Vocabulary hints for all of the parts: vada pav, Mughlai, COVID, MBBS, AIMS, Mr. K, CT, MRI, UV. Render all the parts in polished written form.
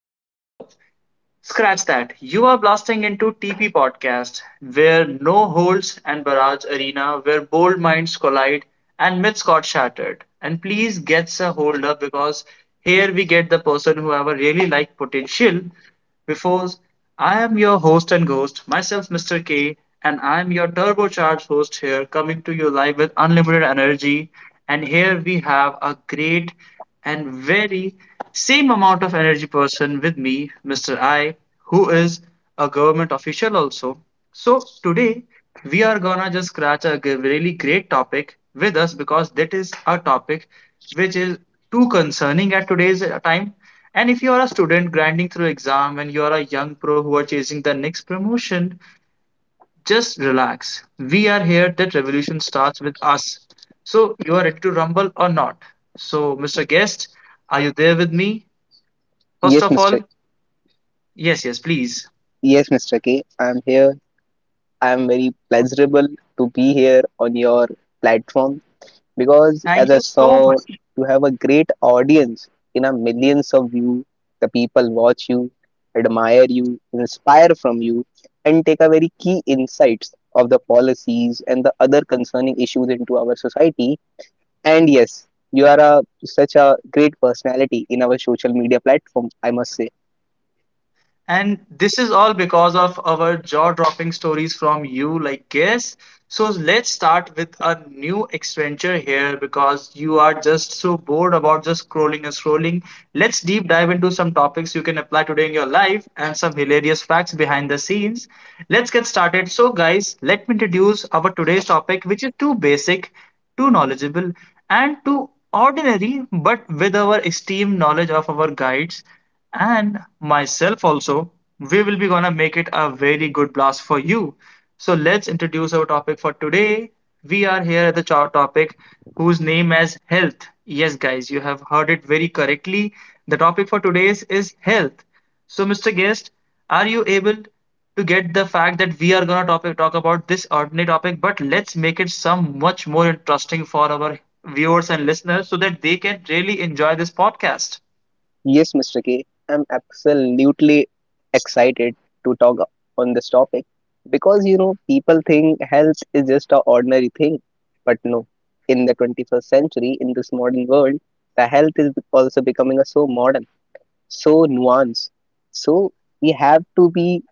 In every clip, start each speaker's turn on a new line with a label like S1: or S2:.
S1: Well, no, scratch that. You are blasting into TP Podcast, where no holds and barrage arena, where bold minds collide and myths got shattered. And please get a hold up because here we get the person who have a really like potential before I am your host and ghost, myself, Mr. K, and I am your turbocharged host here, coming to you live with unlimited energy. And here we have a great and very same amount of energy person with me, Mr. I, who is a government official also. So today we are gonna just scratch really great topic with us because that is a topic which is too concerning at today's time. And if you are a student grinding through exam and you are a young pro who are chasing the next promotion, just relax. We are here. That revolution starts with us. So you are ready to rumble or not? So, Mr. Guest, are you there with me? First
S2: Yes,
S1: of all,
S2: Mr.
S1: yes, yes, please.
S2: Yes, Mr. K. I'm here. I'm very pleasurable to be here on your platform because,
S1: Thank
S2: as I
S1: you so
S2: saw,
S1: much.
S2: you have a great audience. You know, millions of you, the people watch you, admire you, inspire from you, and take a very key insights of the policies and the other concerning issues into our society. And yes, you are a such a great personality in our social media platform. I must say.
S1: And this is all because of our jaw-dropping stories from you, like guess. So let's start with a new adventure here because you are just so bored about just scrolling and scrolling. Let's deep dive into some topics you can apply today in your life and some hilarious facts behind the scenes. Let's get started. So guys, let me introduce our today's topic, which is too basic, too knowledgeable, and too ordinary, but with our esteemed knowledge of our guides and myself also, we will be gonna make it a very good blast for you. So let's introduce our topic for today. We are here at the chart topic whose name as health. Yes, guys, you have heard it very correctly. The topic for today's is health. So, Mr. Guest, are you able to get the fact that we are gonna topic talk about this ordinary topic, but let's make it some much more interesting for our viewers and listeners so that they can really enjoy this podcast.
S2: Yes, Mr. K, I'm absolutely excited to talk on this topic because you know people think health is just an ordinary thing, but no. In the 21st century, in this modern world, the health is also becoming a so modern, so nuanced. So we have to be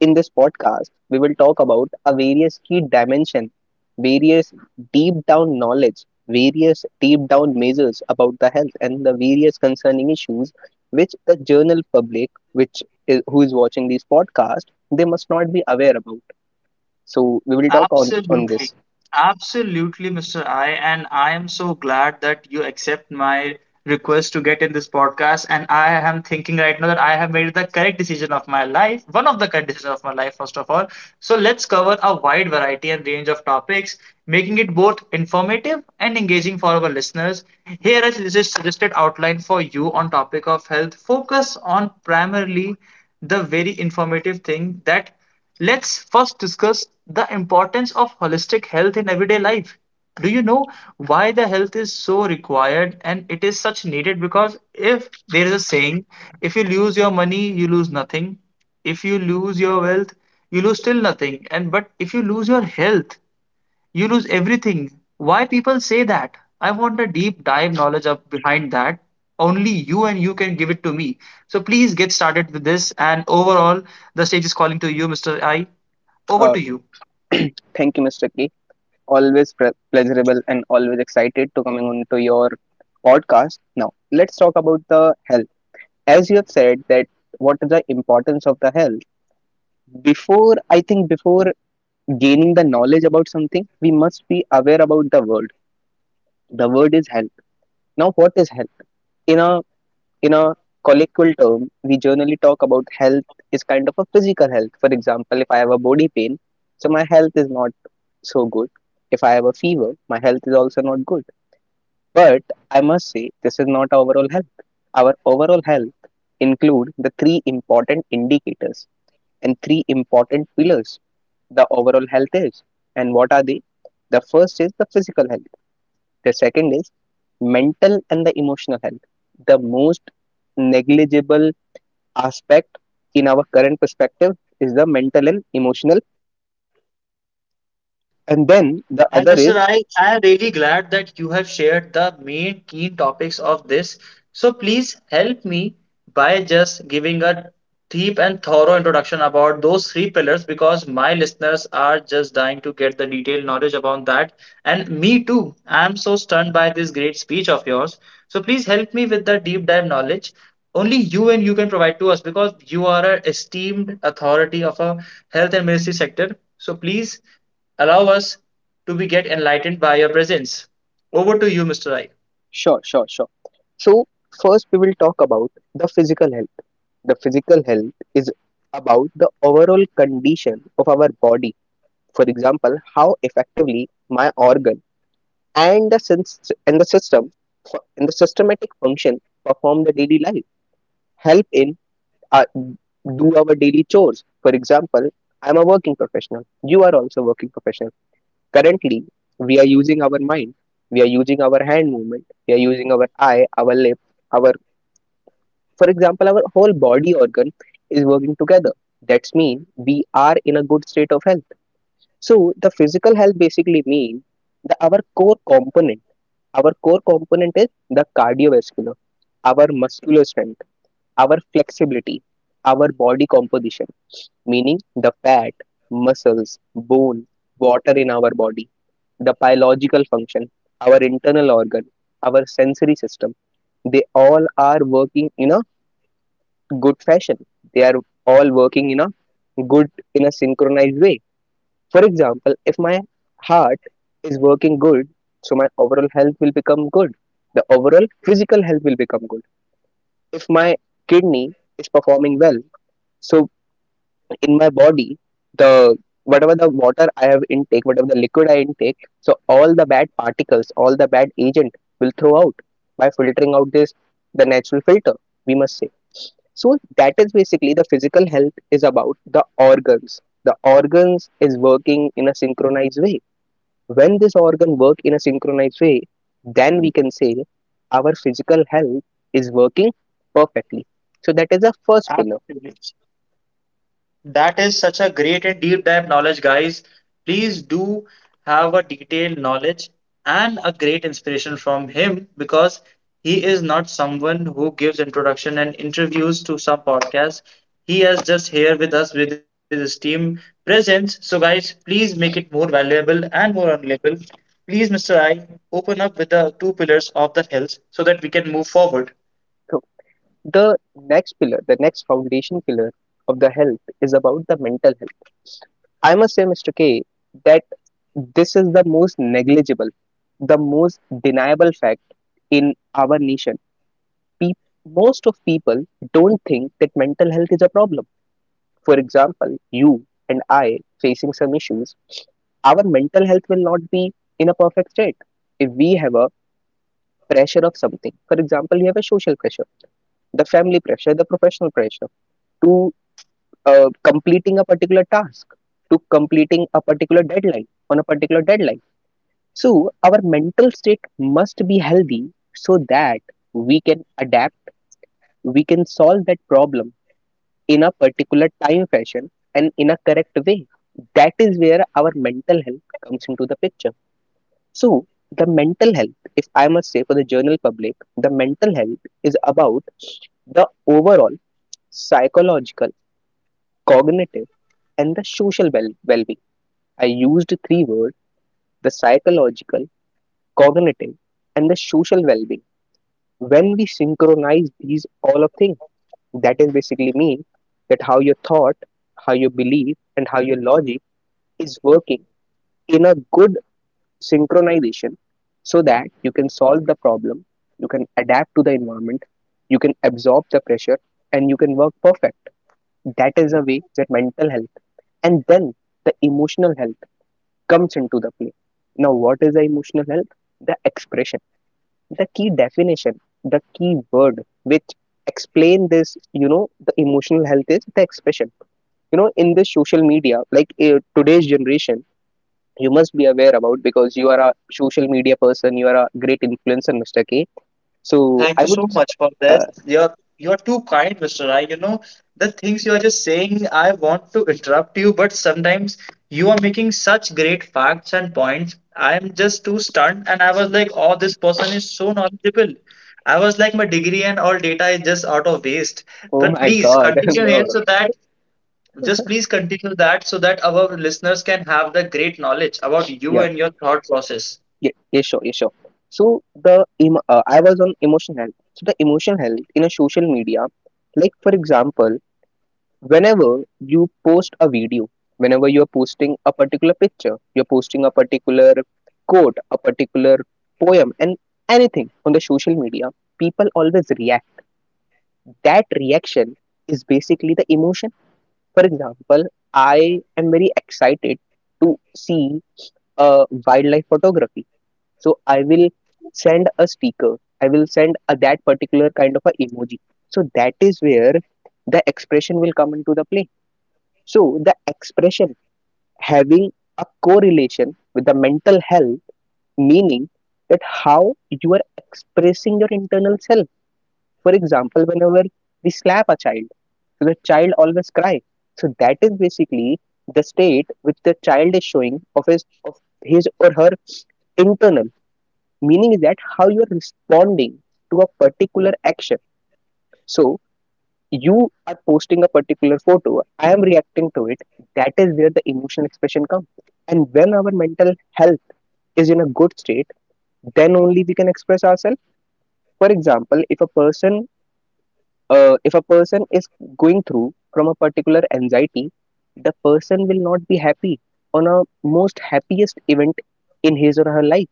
S2: in this podcast, we will talk about a various key dimension, various deep down knowledge, various deep down measures about the health and the various concerning issues which the journal public, which is, who is watching this podcast, they must not be aware about. So we will talk on
S1: Absolutely.
S2: this.
S1: Absolutely, Mr. I. And I am so glad that you accept my request to get in this podcast. And I am thinking right now that I have made the correct decision of my life, one of the correct decisions of my life, first of all. So let's cover a wide variety and range of topics, making it both informative and engaging for our listeners. Here is a suggested outline for you on topic of health. Focus on primarily the very informative thing that. Let's first discuss the importance of holistic health in everyday life. Do you know why the health is so required and it is such needed? Because if there is a saying, if you lose your money, you lose nothing. If you lose your wealth, you lose still nothing. And but if you lose your health, you lose everything. Why people say that? I want a deep dive knowledge up behind that. Only you and you can give it to me. So please get started with this. And overall, the stage is calling to you, Mr. I. Over
S2: Uh,
S1: to you.
S2: Thank you, Mr. K. Always pleasurable and always excited to coming on to your podcast. Now let's talk about the health. As you have said that, what is the importance of the health? Before I think, before gaining the knowledge about something, we must be aware about the word. The word is health. Now what is health? In a colloquial term we generally talk about health is kind of a physical health. For example, if I have a body pain, so my health is not so good. If I have a fever, my health is also not good. But I must say this is not our overall health. Our overall health include the three important indicators and three important pillars. The overall health is, and what are the? The first is the physical health. The second is mental and the emotional health. The most negligible aspect in our current perspective is the mental and emotional, and then the
S1: And
S2: other
S1: Mr.
S2: is.
S1: I am really glad that you have shared the main key topics of this. So please help me by just giving a deep and thorough introduction about those three pillars because my listeners are just dying to get the detailed knowledge about that. And me too. I am so stunned by this great speech of yours. So please help me with the deep dive knowledge. Only you and you can provide to us because you are an esteemed authority of a health and medicine sector. So please allow us to be get enlightened by your presence. Over to you, Mr. Rai.
S2: Sure, sure, sure. So first we will talk about the physical health. The physical health is about the overall condition of our body. For example, how effectively my organ and the sense and the system and the systematic function perform the daily life, help in uh, do our daily chores. For example, I'm a working professional, you are also working professional, currently we are using our mind, we are using our hand movement, we are using our eye, our lip, our for example our whole body organ is working together. That's mean we are in a good state of health. So the physical health basically means the our core component. Our core component is the cardiovascular, our muscular strength, our flexibility, our body composition, meaning the fat, muscles, bone, water in our body, the biological function, our internal organ, our sensory system. They all are working in a good fashion. They are all working in a good, in a synchronized way. For example, if my heart is working good, so my overall health will become good. The overall physical health will become good. If my kidney is performing well, so in my body, the whatever the water I have intake, whatever the liquid I intake, so all the bad particles, all the bad agent will throw out by filtering out this the natural filter, we must say. So that is basically the physical health is about the organs. The organs is working in a synchronized way, when this organ work in a synchronized way, then we can say our physical health is working perfectly. So that is the first pillar.
S1: Absolutely. That is such a great and deep dive knowledge, guys. Please do have a detailed knowledge and a great inspiration from him because he is not someone who gives introduction and interviews to some podcasts. He is just here with us with his team presence. So, guys, please make it more valuable and more valuable. Please, Mr. I, open up with the two pillars of the health so that we can move forward.
S2: So the next pillar, the next foundation pillar of the health is about the mental health. I must say, Mr. K, that this is the most negligible, the most deniable fact in our nation. Pe- Most of people don't think that mental health is a problem. For example, you and I facing some issues, our mental health will not be in a perfect state if we have a pressure of something. For example, you have a social pressure, the family pressure, the professional pressure to completing a particular task, to completing a particular deadline on a particular deadline. So our mental state must be healthy so that we can adapt, we can solve that problem in a particular time fashion and in a correct way. That is where our mental health comes into the picture. So, the mental health, if I must say for the general public, the mental health is about the overall psychological, cognitive, and the social well-being. I used three words: the psychological, cognitive, and the social well-being. When we synchronize these all of things, that is basically mean that how your thought, how your belief, and how your logic is working in a good synchronization so that you can solve the problem, you can adapt to the environment, you can absorb the pressure, and you can work perfect. That is a way that mental health and then the emotional health comes into the play. Now, what is the emotional health? The expression, the key definition, the key word which explain this, you know, the emotional health is the expression. You know, in this social media like today's generation, you must be aware about because you are a social media person, you are a great influencer, Mr. K. So I
S1: Thank you
S2: would.
S1: so much for
S2: uh,
S1: this. You're too kind, Mr. Rai. You know, the things you are just saying, I want to interrupt you, but sometimes you are making such great facts and points. I am just too stunned, and I was like, oh, this person is so knowledgeable. I was like, my degree and all data is just out of waste.
S2: oh
S1: But
S2: my
S1: please
S2: god.
S1: continue
S2: No.
S1: here so that, just please continue that so that our listeners can have the great knowledge about you
S2: Yeah,
S1: and your thought process.
S2: yeah, yeah, sure, yeah, sure. So the I was on emotional health. So the emotional health in a social media, like, for example, whenever you post a video, whenever you are posting a particular picture, you're posting a particular quote, a particular poem, and anything on the social media, people always react. That reaction is basically the emotion. For example, I am very excited to see a wildlife photography. So I will send a sticker. I will send that particular kind of a emoji. So that is where the expression will come into the play. So the expression having a correlation with the mental health, meaning that how you are expressing your internal self. For example, whenever we slap a child, so the child always cry. So that is basically the state which the child is showing of his or her internal, meaning is that how you are responding to a particular action. So you are posting a particular photo, I am reacting to it, that is where the emotional expression comes. And when our mental health is in a good state, then only we can express ourselves. For example, if a person, if a person is going through from a particular anxiety, the person will not be happy on a most happiest event in his or her life.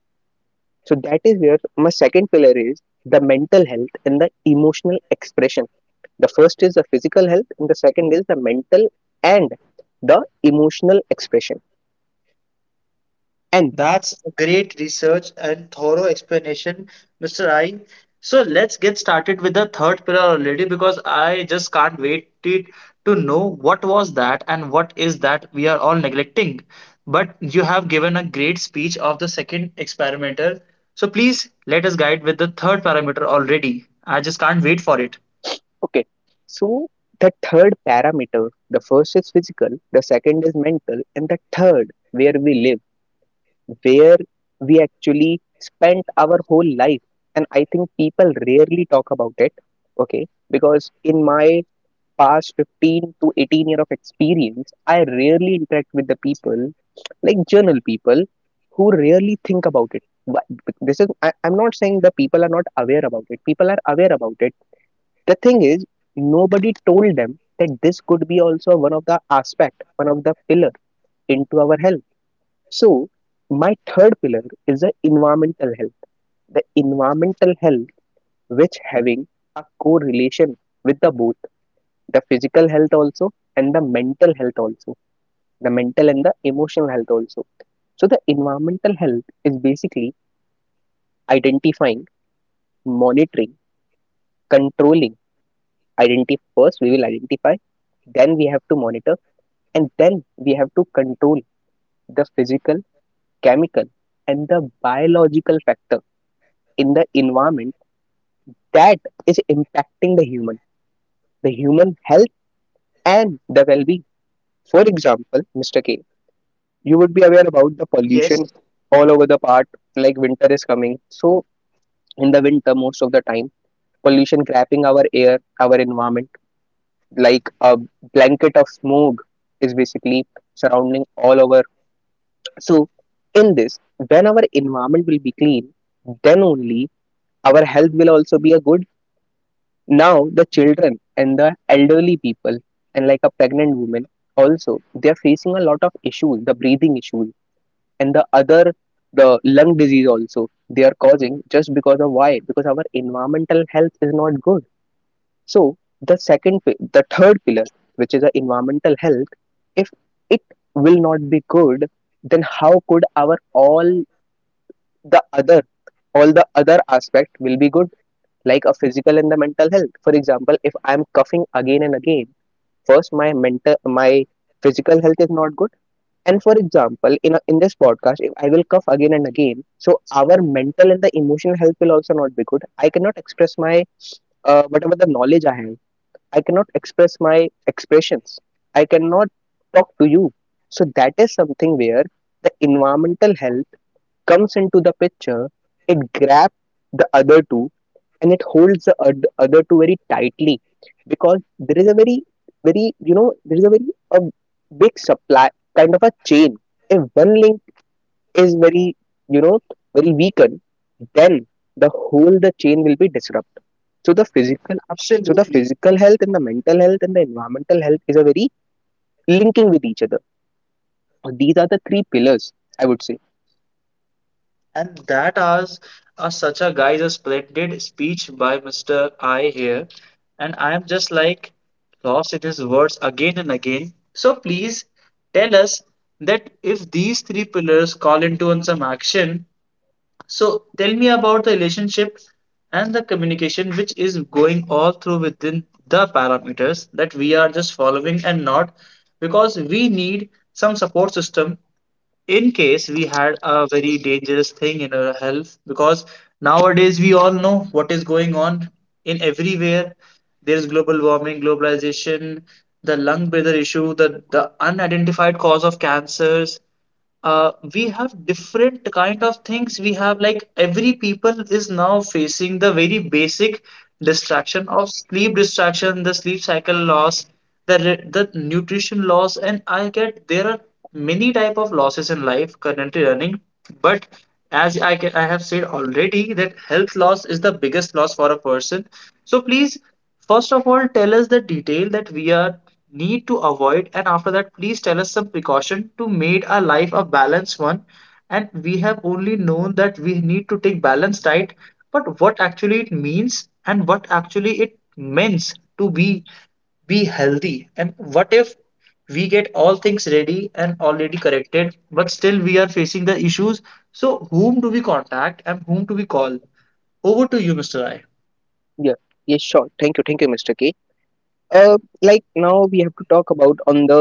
S2: So that is where my second pillar is the mental health and the emotional expression. The first is the physical health and the second is the mental and the emotional expression, and
S1: That's a great research and thorough explanation, Mr. I. So let's get started with the third pillar already because I just can't wait it to know what was that and what is that we are all neglecting. But you have given a great speech of the second experimenter. So please let us guide with the third parameter already. I just can't wait for it.
S2: okay, so the third parameter, the first is physical, the second is mental, and the third, where we live, where we actually spent our whole life. And I think people rarely talk about it, okay, because in my past 15 to 18 year of experience I rarely interact with the people, like journal people who rarely think about it. I'm not saying the people are not aware about it, people are aware about it. The thing is, nobody told them that this could be also one of the aspect, one of the pillar into our health. So, my third pillar is the environmental health. The environmental health, which having a correlation with the both, the physical health also and the mental health also, the mental and the emotional health also. So, the environmental health is basically identifying, monitoring, controlling. Identify first, we will identify, then we have to monitor, and then we have to control the physical, chemical, and the biological factor in the environment that is impacting the human health and the well-being. For example, Mr. K, you would be aware about the
S1: Yes,
S2: pollution all over the part, like winter is coming. So in the winter, most of the time, pollution trapping our air, our environment, like a blanket of smog is basically surrounding all over. So in this, when our environment will be clean, then only our health will also be a good. Now the children and the elderly people and like a pregnant woman also, they are facing a lot of issues, the breathing issues and the other, the lung disease also they are causing just because of why? Because our environmental health is not good. So the third pillar, which is the environmental health, if it will not be good, then how could our the other all the other aspect will be good, like a physical and the mental health? For example, if I'm coughing again and again, first my mental my physical health is not good. And for example in this podcast, if I will cough again and again, so our mental and the emotional health will also not be good. I cannot express my whatever the knowledge I have, I cannot express my expressions, I cannot talk to you. So that is something where the environmental health comes into the picture. It grabs the other two, and it holds the other two very tightly, because there is a very a big supply kind of a chain. If one link is very you know very weakened, then the whole the chain will be disrupted. So
S1: absolutely.
S2: the physical health and the mental health and the environmental health is a very linking with each other. These are the three pillars, I would say.
S1: And that as a such a guy's a splendid speech by Mr. I here. And I am just like lost in his words again and again. So please tell us that if these three pillars call into on some action, so tell me about the relationship and the communication which is going all through within the parameters that we are just following and not, because we need some support system in case we had a very dangerous thing in our health, because nowadays we all know what is going on in everywhere. There's global warming, globalization, the lung breather issue, the unidentified cause of cancers. We have different kind of things. We have like every people is now facing the very basic distraction of sleep, distraction the sleep cycle loss, the nutrition loss, and I get there are many type of losses in life currently running. But as I have said already that health loss is the biggest loss for a person. So please, first of all, tell us the detail that we are need to avoid, and after that please tell us some precaution to make our life a balanced one. And we have only known that we need to take balanced diet, but what actually it means and what actually it means to be healthy. And what if we get all things ready and already corrected, but still we are facing the issues? So, whom do we contact and whom do we call? Over to you, Mr. I.
S2: Yeah, yes, sure. Thank you, Mr. K. Like now we have to talk about on the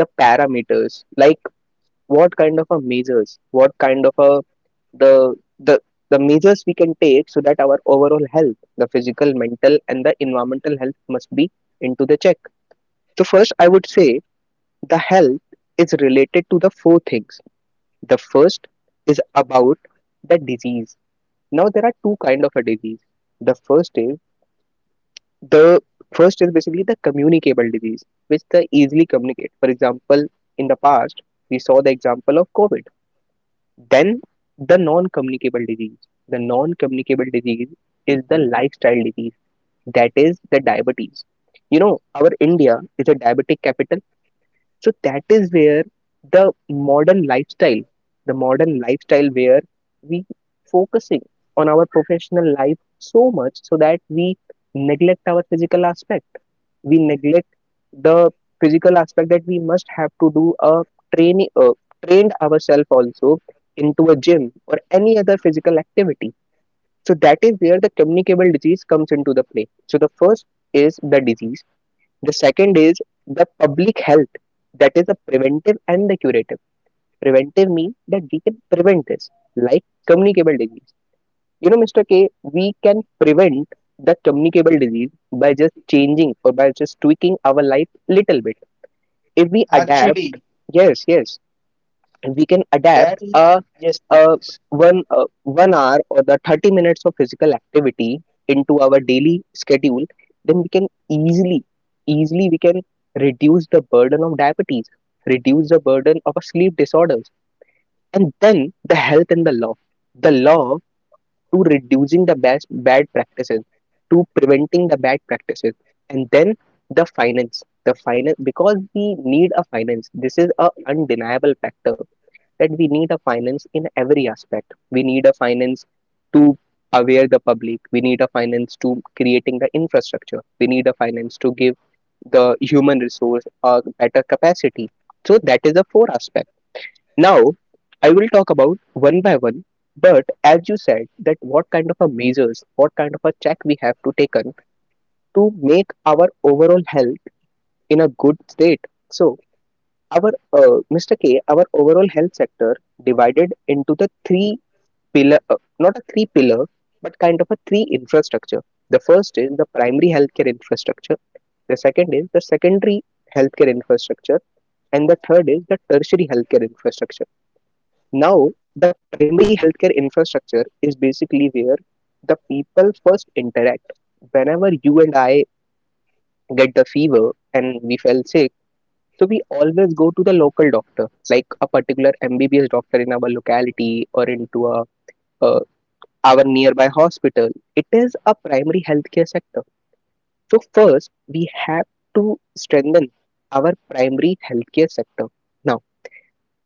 S2: the parameters, like what kind of a measures, what kind of a the the the measures we can take so that our overall health, the physical, mental and the environmental health, must be into the check. So first I would say the health is related to the four things. The first is about the disease. Now there are two kind of a disease. The first is the first is basically the communicable disease which they easily communicate. For example, in the past we saw the example of COVID. Then the non-communicable disease. The non-communicable disease is the lifestyle disease. That is the diabetes. You know, our India is a diabetic capital. So that is where the modern lifestyle the modern lifestyle where we focusing on our professional life so much so that we neglect our physical aspect. We neglect the physical aspect, that we must have to do a train uh, trained ourselves also into a gym or any other physical activity. So that is where the communicable disease comes into the play. So the first is the disease. The second is the public health. That is the preventive and the curative. Preventive means that we can prevent this, like communicable disease. You know, Mr. K, we can prevent the communicable disease by just changing or by just tweaking our life little bit. If we adapt,
S1: Actually,
S2: yes, yes, we can adapt
S1: that is
S2: a,
S1: yes,
S2: a
S1: please.
S2: one 1 hour or the 30 minutes of physical activity into our daily schedule, then we can easily, easily we can reduce the burden of diabetes, reduce the burden of a sleep disorders, and then the health and the law. The law to reducing the bad bad practices, to preventing the bad practices, and then the finance, because we need a finance. This is a undeniable factor that we need a finance in every aspect. We need a finance to aware the public, we need a finance to creating the infrastructure, we need a finance to give the human resource a better capacity. So that is the four aspects. Now, I will talk about one by one, but as you said, that what kind of a measures, what kind of a check we have to take on to make our overall health in a good state. So, our Mr. K, our overall health sector divided into the three not a three pillar, but kind of a three infrastructure. The first is the primary healthcare infrastructure. The second is the secondary healthcare infrastructure, and the third is the tertiary healthcare infrastructure. Now, the primary healthcare infrastructure is basically where the people first interact. Whenever you and I get the fever and we fell sick, so we always go to the local doctor, like a particular MBBS doctor in our locality or into uh, our nearby hospital.
S1: Actually, I
S2: It
S1: totally
S2: is a
S1: got your
S2: primary
S1: concern
S2: healthcare
S1: here,
S2: sector. So
S1: and we do
S2: first,
S1: not
S2: we
S1: need to
S2: have
S1: worry.
S2: to strengthen our primary healthcare sector. Now,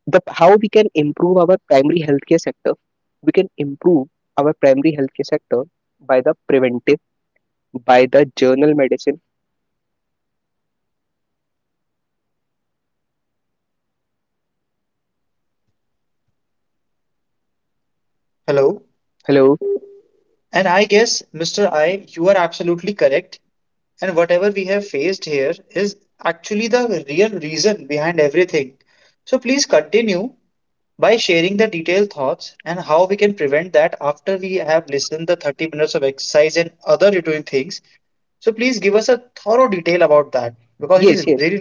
S2: the how we can improve
S1: You
S2: our
S1: know,
S2: primary
S1: Mr. I,
S2: healthcare sector,
S1: actually, I
S2: we can
S1: think
S2: improve
S1: we do
S2: our
S1: not need to
S2: primary
S1: worry
S2: healthcare
S1: about
S2: sector
S1: anything here.
S2: by the preventive, by the journal medicine.
S1: Hello?
S2: Hello?
S1: And I guess, Mr. I, you are absolutely correct. And whatever we have faced here is actually the real reason behind everything. So please continue by sharing the detailed thoughts and how we can prevent that after we have listened the 30 minutes of exercise and other routine things. So please give us a thorough detail about that because it
S2: Yes,
S1: is
S2: yes,
S1: really.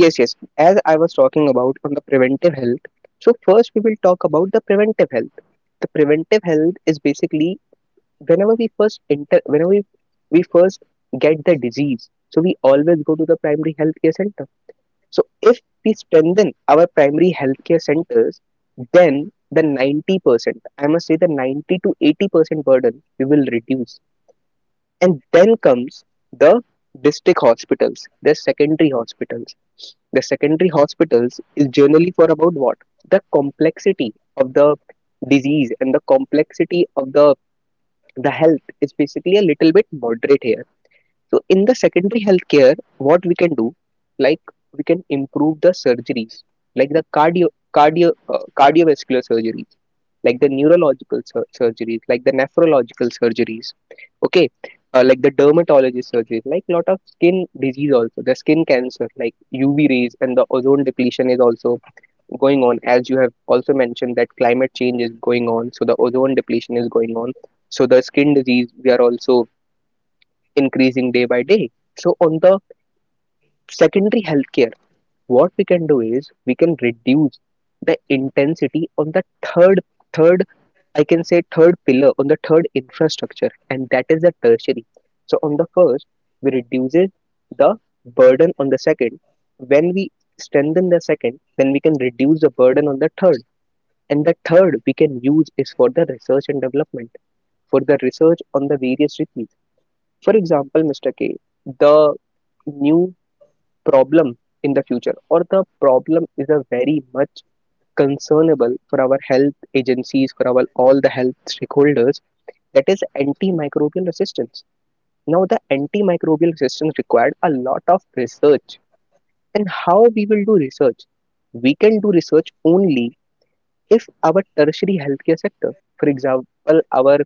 S2: yes, yes, as I was talking about on the preventive health. So first we will talk about the preventive health. The preventive health is basically whenever we first enter, whenever we first get the disease, so we always go to the primary healthcare center. So if we strengthen our primary healthcare centers, then the 90%, I must say the 90 to 80% burden we will reduce. And then comes the district hospitals, the secondary hospitals. The secondary hospitals is generally for about what? The complexity of the disease and the complexity of the health is basically a little bit moderate here. So in the secondary healthcare, what we can do, like we can improve the surgeries, like the cardio, cardiovascular surgeries, like the neurological surgeries, like the nephrological surgeries, okay, like the dermatology surgeries, like lot of skin disease also, the skin cancer, like UV rays and the ozone depletion is also going on. As you have also mentioned that climate change is going on, so the ozone depletion is going on, so the skin disease we are also increasing day by day. So on the secondary healthcare, what we can do is we can reduce the intensity on third, I can say third pillar on the third infrastructure, and that is the tertiary. So on the first, we reduces the burden on the second. When we strengthen the second, then we can reduce the burden on the third. And the third we can use is for the research and development, for the research on the various diseases. For example, Mr. K, the new problem in the future, or the problem is a very much concernable for our health agencies, for our all the health stakeholders, that is antimicrobial resistance. Now the antimicrobial resistance required a lot of research. And how we will do research? We can do research only if our tertiary healthcare sector, for example, our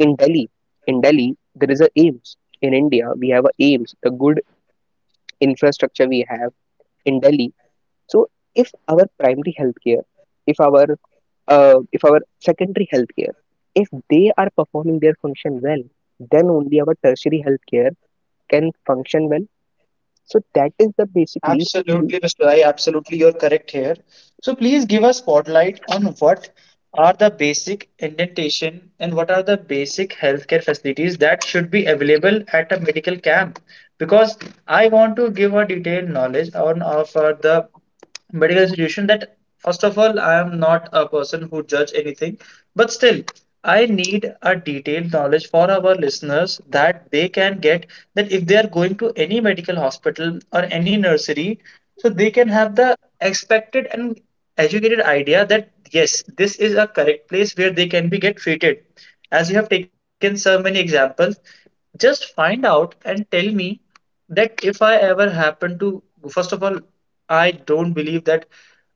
S2: in Delhi, in delhi there is a aims in India we have a aims the good infrastructure we have in Delhi. So if our primary healthcare, if our if our secondary healthcare, if they are performing their function well, then only our tertiary healthcare can function well. So that is the basically.
S1: Absolutely, Mr. I. Absolutely, you're correct here. So please give a spotlight on what are the basic indentation and what are the basic healthcare facilities that should be available at a medical camp. Because I want to give a detailed knowledge on of the medical institution. That first of all, I am not a person who judge anything, but still I need a detailed knowledge for our listeners that they can get that if they are going to any medical hospital or any nursery, so they can have the expected and educated idea that yes, this is a correct place where they can be get treated. As you have taken so many examples, just find out and tell me that if I ever happen to, first of all, I don't believe that,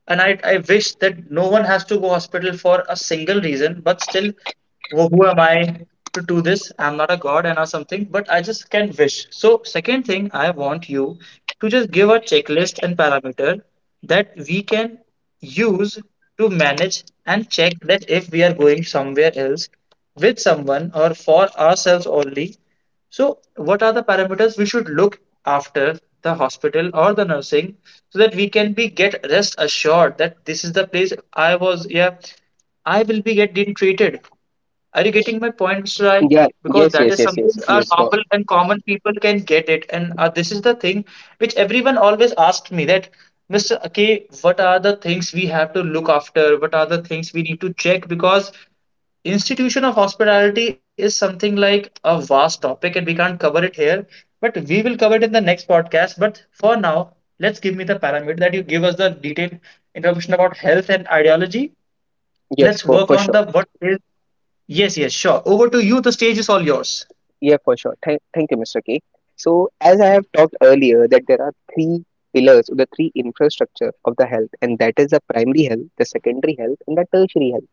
S1: and I wish that no one has to go hospital for a single reason, but still who am I to do this? I'm not a god and or something, but I just can wish. So, second thing, I want you to just give a checklist and parameter that we can use to manage and check that if we are going somewhere else with someone or for ourselves only. So, what are the parameters we should look after the hospital or the nursing so that we can be get rest assured that this is the place I was, yeah, I will be getting treated. Are you getting my points, Shrai?
S2: Yeah,
S1: Because
S2: yes,
S1: that
S2: yes,
S1: is
S2: yes,
S1: something
S2: yes,
S1: our
S2: yes. For,
S1: normal and common people can get it. And this is the thing which everyone always asks me that, Mr. K, what are the things we have to look after? What are the things we need to check? Because institution of hospitality is something like a vast topic and we can't cover it here. But we will cover it in the next podcast. But for now, let's give me the parameter that you give us the detailed information about health and ideology.
S2: yes,
S1: Let's work
S2: for
S1: on
S2: sure.
S1: the what is. Yes, yes, sure. Over to you. The stage is all yours.
S2: Yeah, for sure. Thank you, Mr. K. So as I have talked earlier that there are three pillars or the three infrastructure of the health, and that is the primary health, the secondary health and the tertiary health.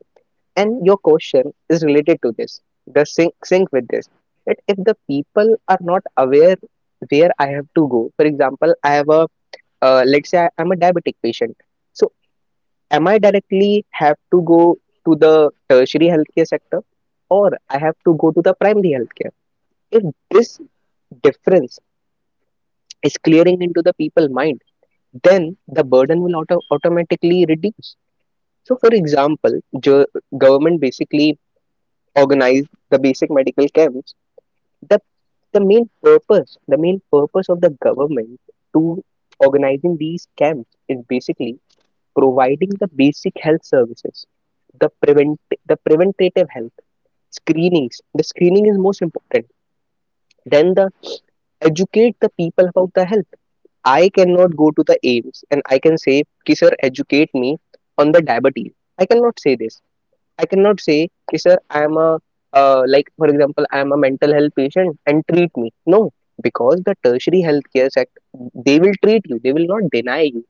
S2: And your question is related to this, the sync, sync with this. That if the people are not aware where I have to go, for example, I have a, let's say I'm a diabetic patient. So am I directly have to go to the tertiary healthcare sector, or I have to go to the primary healthcare? If this difference is clearing into the people mind, then the burden will automatically reduce. So for example, jo- government basically organized the basic medical camps. The main purpose of the government to organizing these camps is basically providing the basic health services, the prevent the preventative health screenings. The screening is most important. Then the educate the people about the health. I cannot go to the aims and I can say ki sir educate me on the diabetes. I cannot say this. I cannot say, "Okay, sir, I am a like for example, I am a mental health patient and treat me." No, because the tertiary healthcare sector, they will treat you, they will not deny you.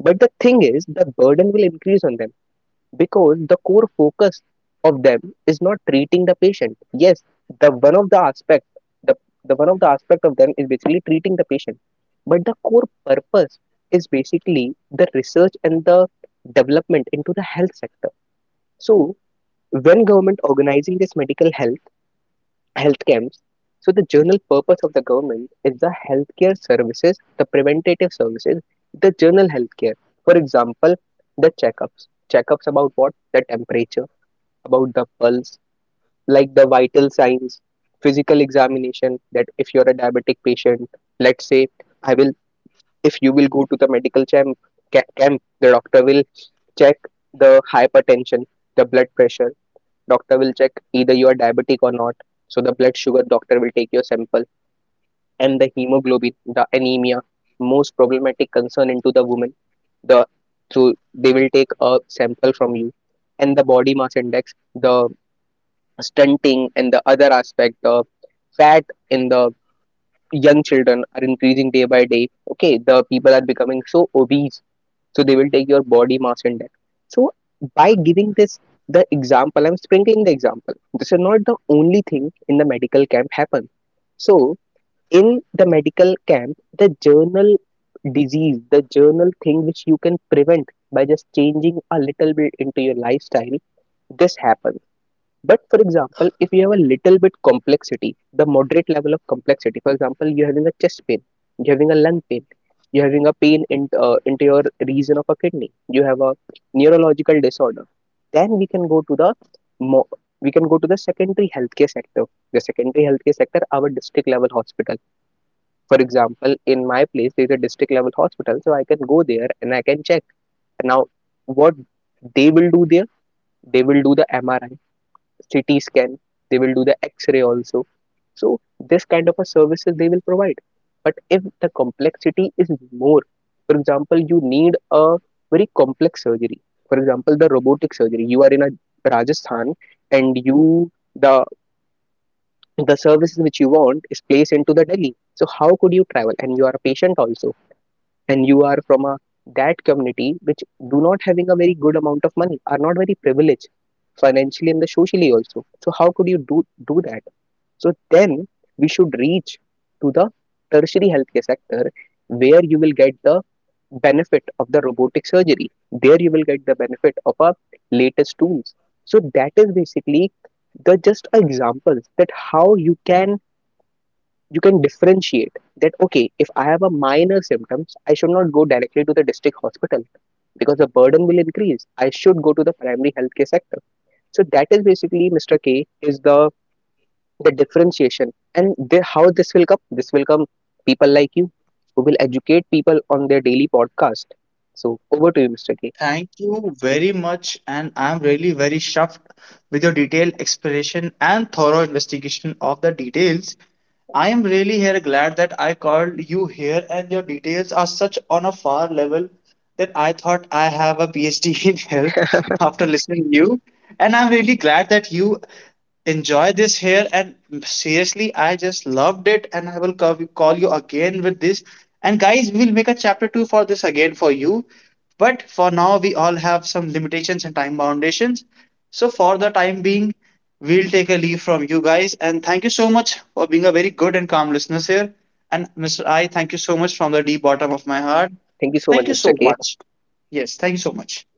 S2: But the thing is, the burden will increase on them because the core focus of them is not treating the patient. Yes, the one of the aspect, the, the one of the aspect of them is basically treating the patient, but the core purpose is basically the research and the development into the health sector. So when government organizing this medical health camps, so the general purpose of the government is the healthcare services, the preventative services, the general healthcare. For example, the checkups, checkups about what? The temperature, about the pulse, like the vital signs, physical examination, that if you're a diabetic patient, let's say, I will if you will go to the medical camp, camp, the doctor will check the hypertension, the blood pressure. Doctor will check either you are diabetic or not. So the blood sugar, doctor will take your sample, and the hemoglobin, the anemia, most problematic concern into the woman. The, so they will take a sample from you, and the body mass index, the stunting and the other aspect, the fat in the young children are increasing day by day. Okay, the people are becoming so obese, so they will take your body mass index. So by giving this the example, I'm sprinkling the example, this is not the only thing in the medical camp happen. So in the medical camp, the journal disease, the journal thing which you can prevent by just changing a little bit into your lifestyle, this happens. But for example, if you have a little bit complexity, the moderate level of complexity, for example, you're having a chest pain, you're having a lung pain, you're having a pain into your region of a kidney, you have a neurological disorder, then we can go to the mo- we can go to the secondary healthcare sector. The secondary healthcare sector, our district level hospital. For example, in my place, there is a district level hospital, so I can go there and I can check. Now, what they will do there, they will do the MRI, CT scan, they will do the X-ray also. So this kind of a services they will provide. But if the complexity is more, for example, you need a very complex surgery. For example, the robotic surgery. You are in a Rajasthan and you the services which you want is placed into the Delhi. So how could you travel? And you are a patient also, and you are from a that community which do not having a very good amount of money, are not very privileged financially and the socially also, so how could you do that? So then we should reach to the tertiary healthcare sector where you will get the benefit of the robotic surgery, there you will get the benefit of our latest tools. So that is basically the just examples that how you can differentiate that okay, if I have a minor symptoms, I should not go directly to the district hospital because the burden will increase, I should go to the primary healthcare sector. So that is basically, Mr. K, is the differentiation and the, how this will come, this will come people like you who will educate people on their daily podcast. So over to you, Mr. K.
S1: Thank you very much, and I'm really very chuffed with your detailed explanation and thorough investigation of the details. I am really here glad that I called you here, and your details are such on a far level that I thought I have a PhD in health after listening to you. And I'm really glad that you enjoy this here and seriously I just loved it, and I will call you again with this. And guys, we will make a chapter 2 for this again for you. But for now, we all have some limitations and time foundations. So for the time being, we'll take a leave from you guys. And thank you so much for being a very good and calm listeners here. And Mr. I, thank you so much from the deep bottom of my heart.
S2: Thank you so much,
S1: Thank you
S2: Mr.
S1: so
S2: K.
S1: much. Yes, thank you so much.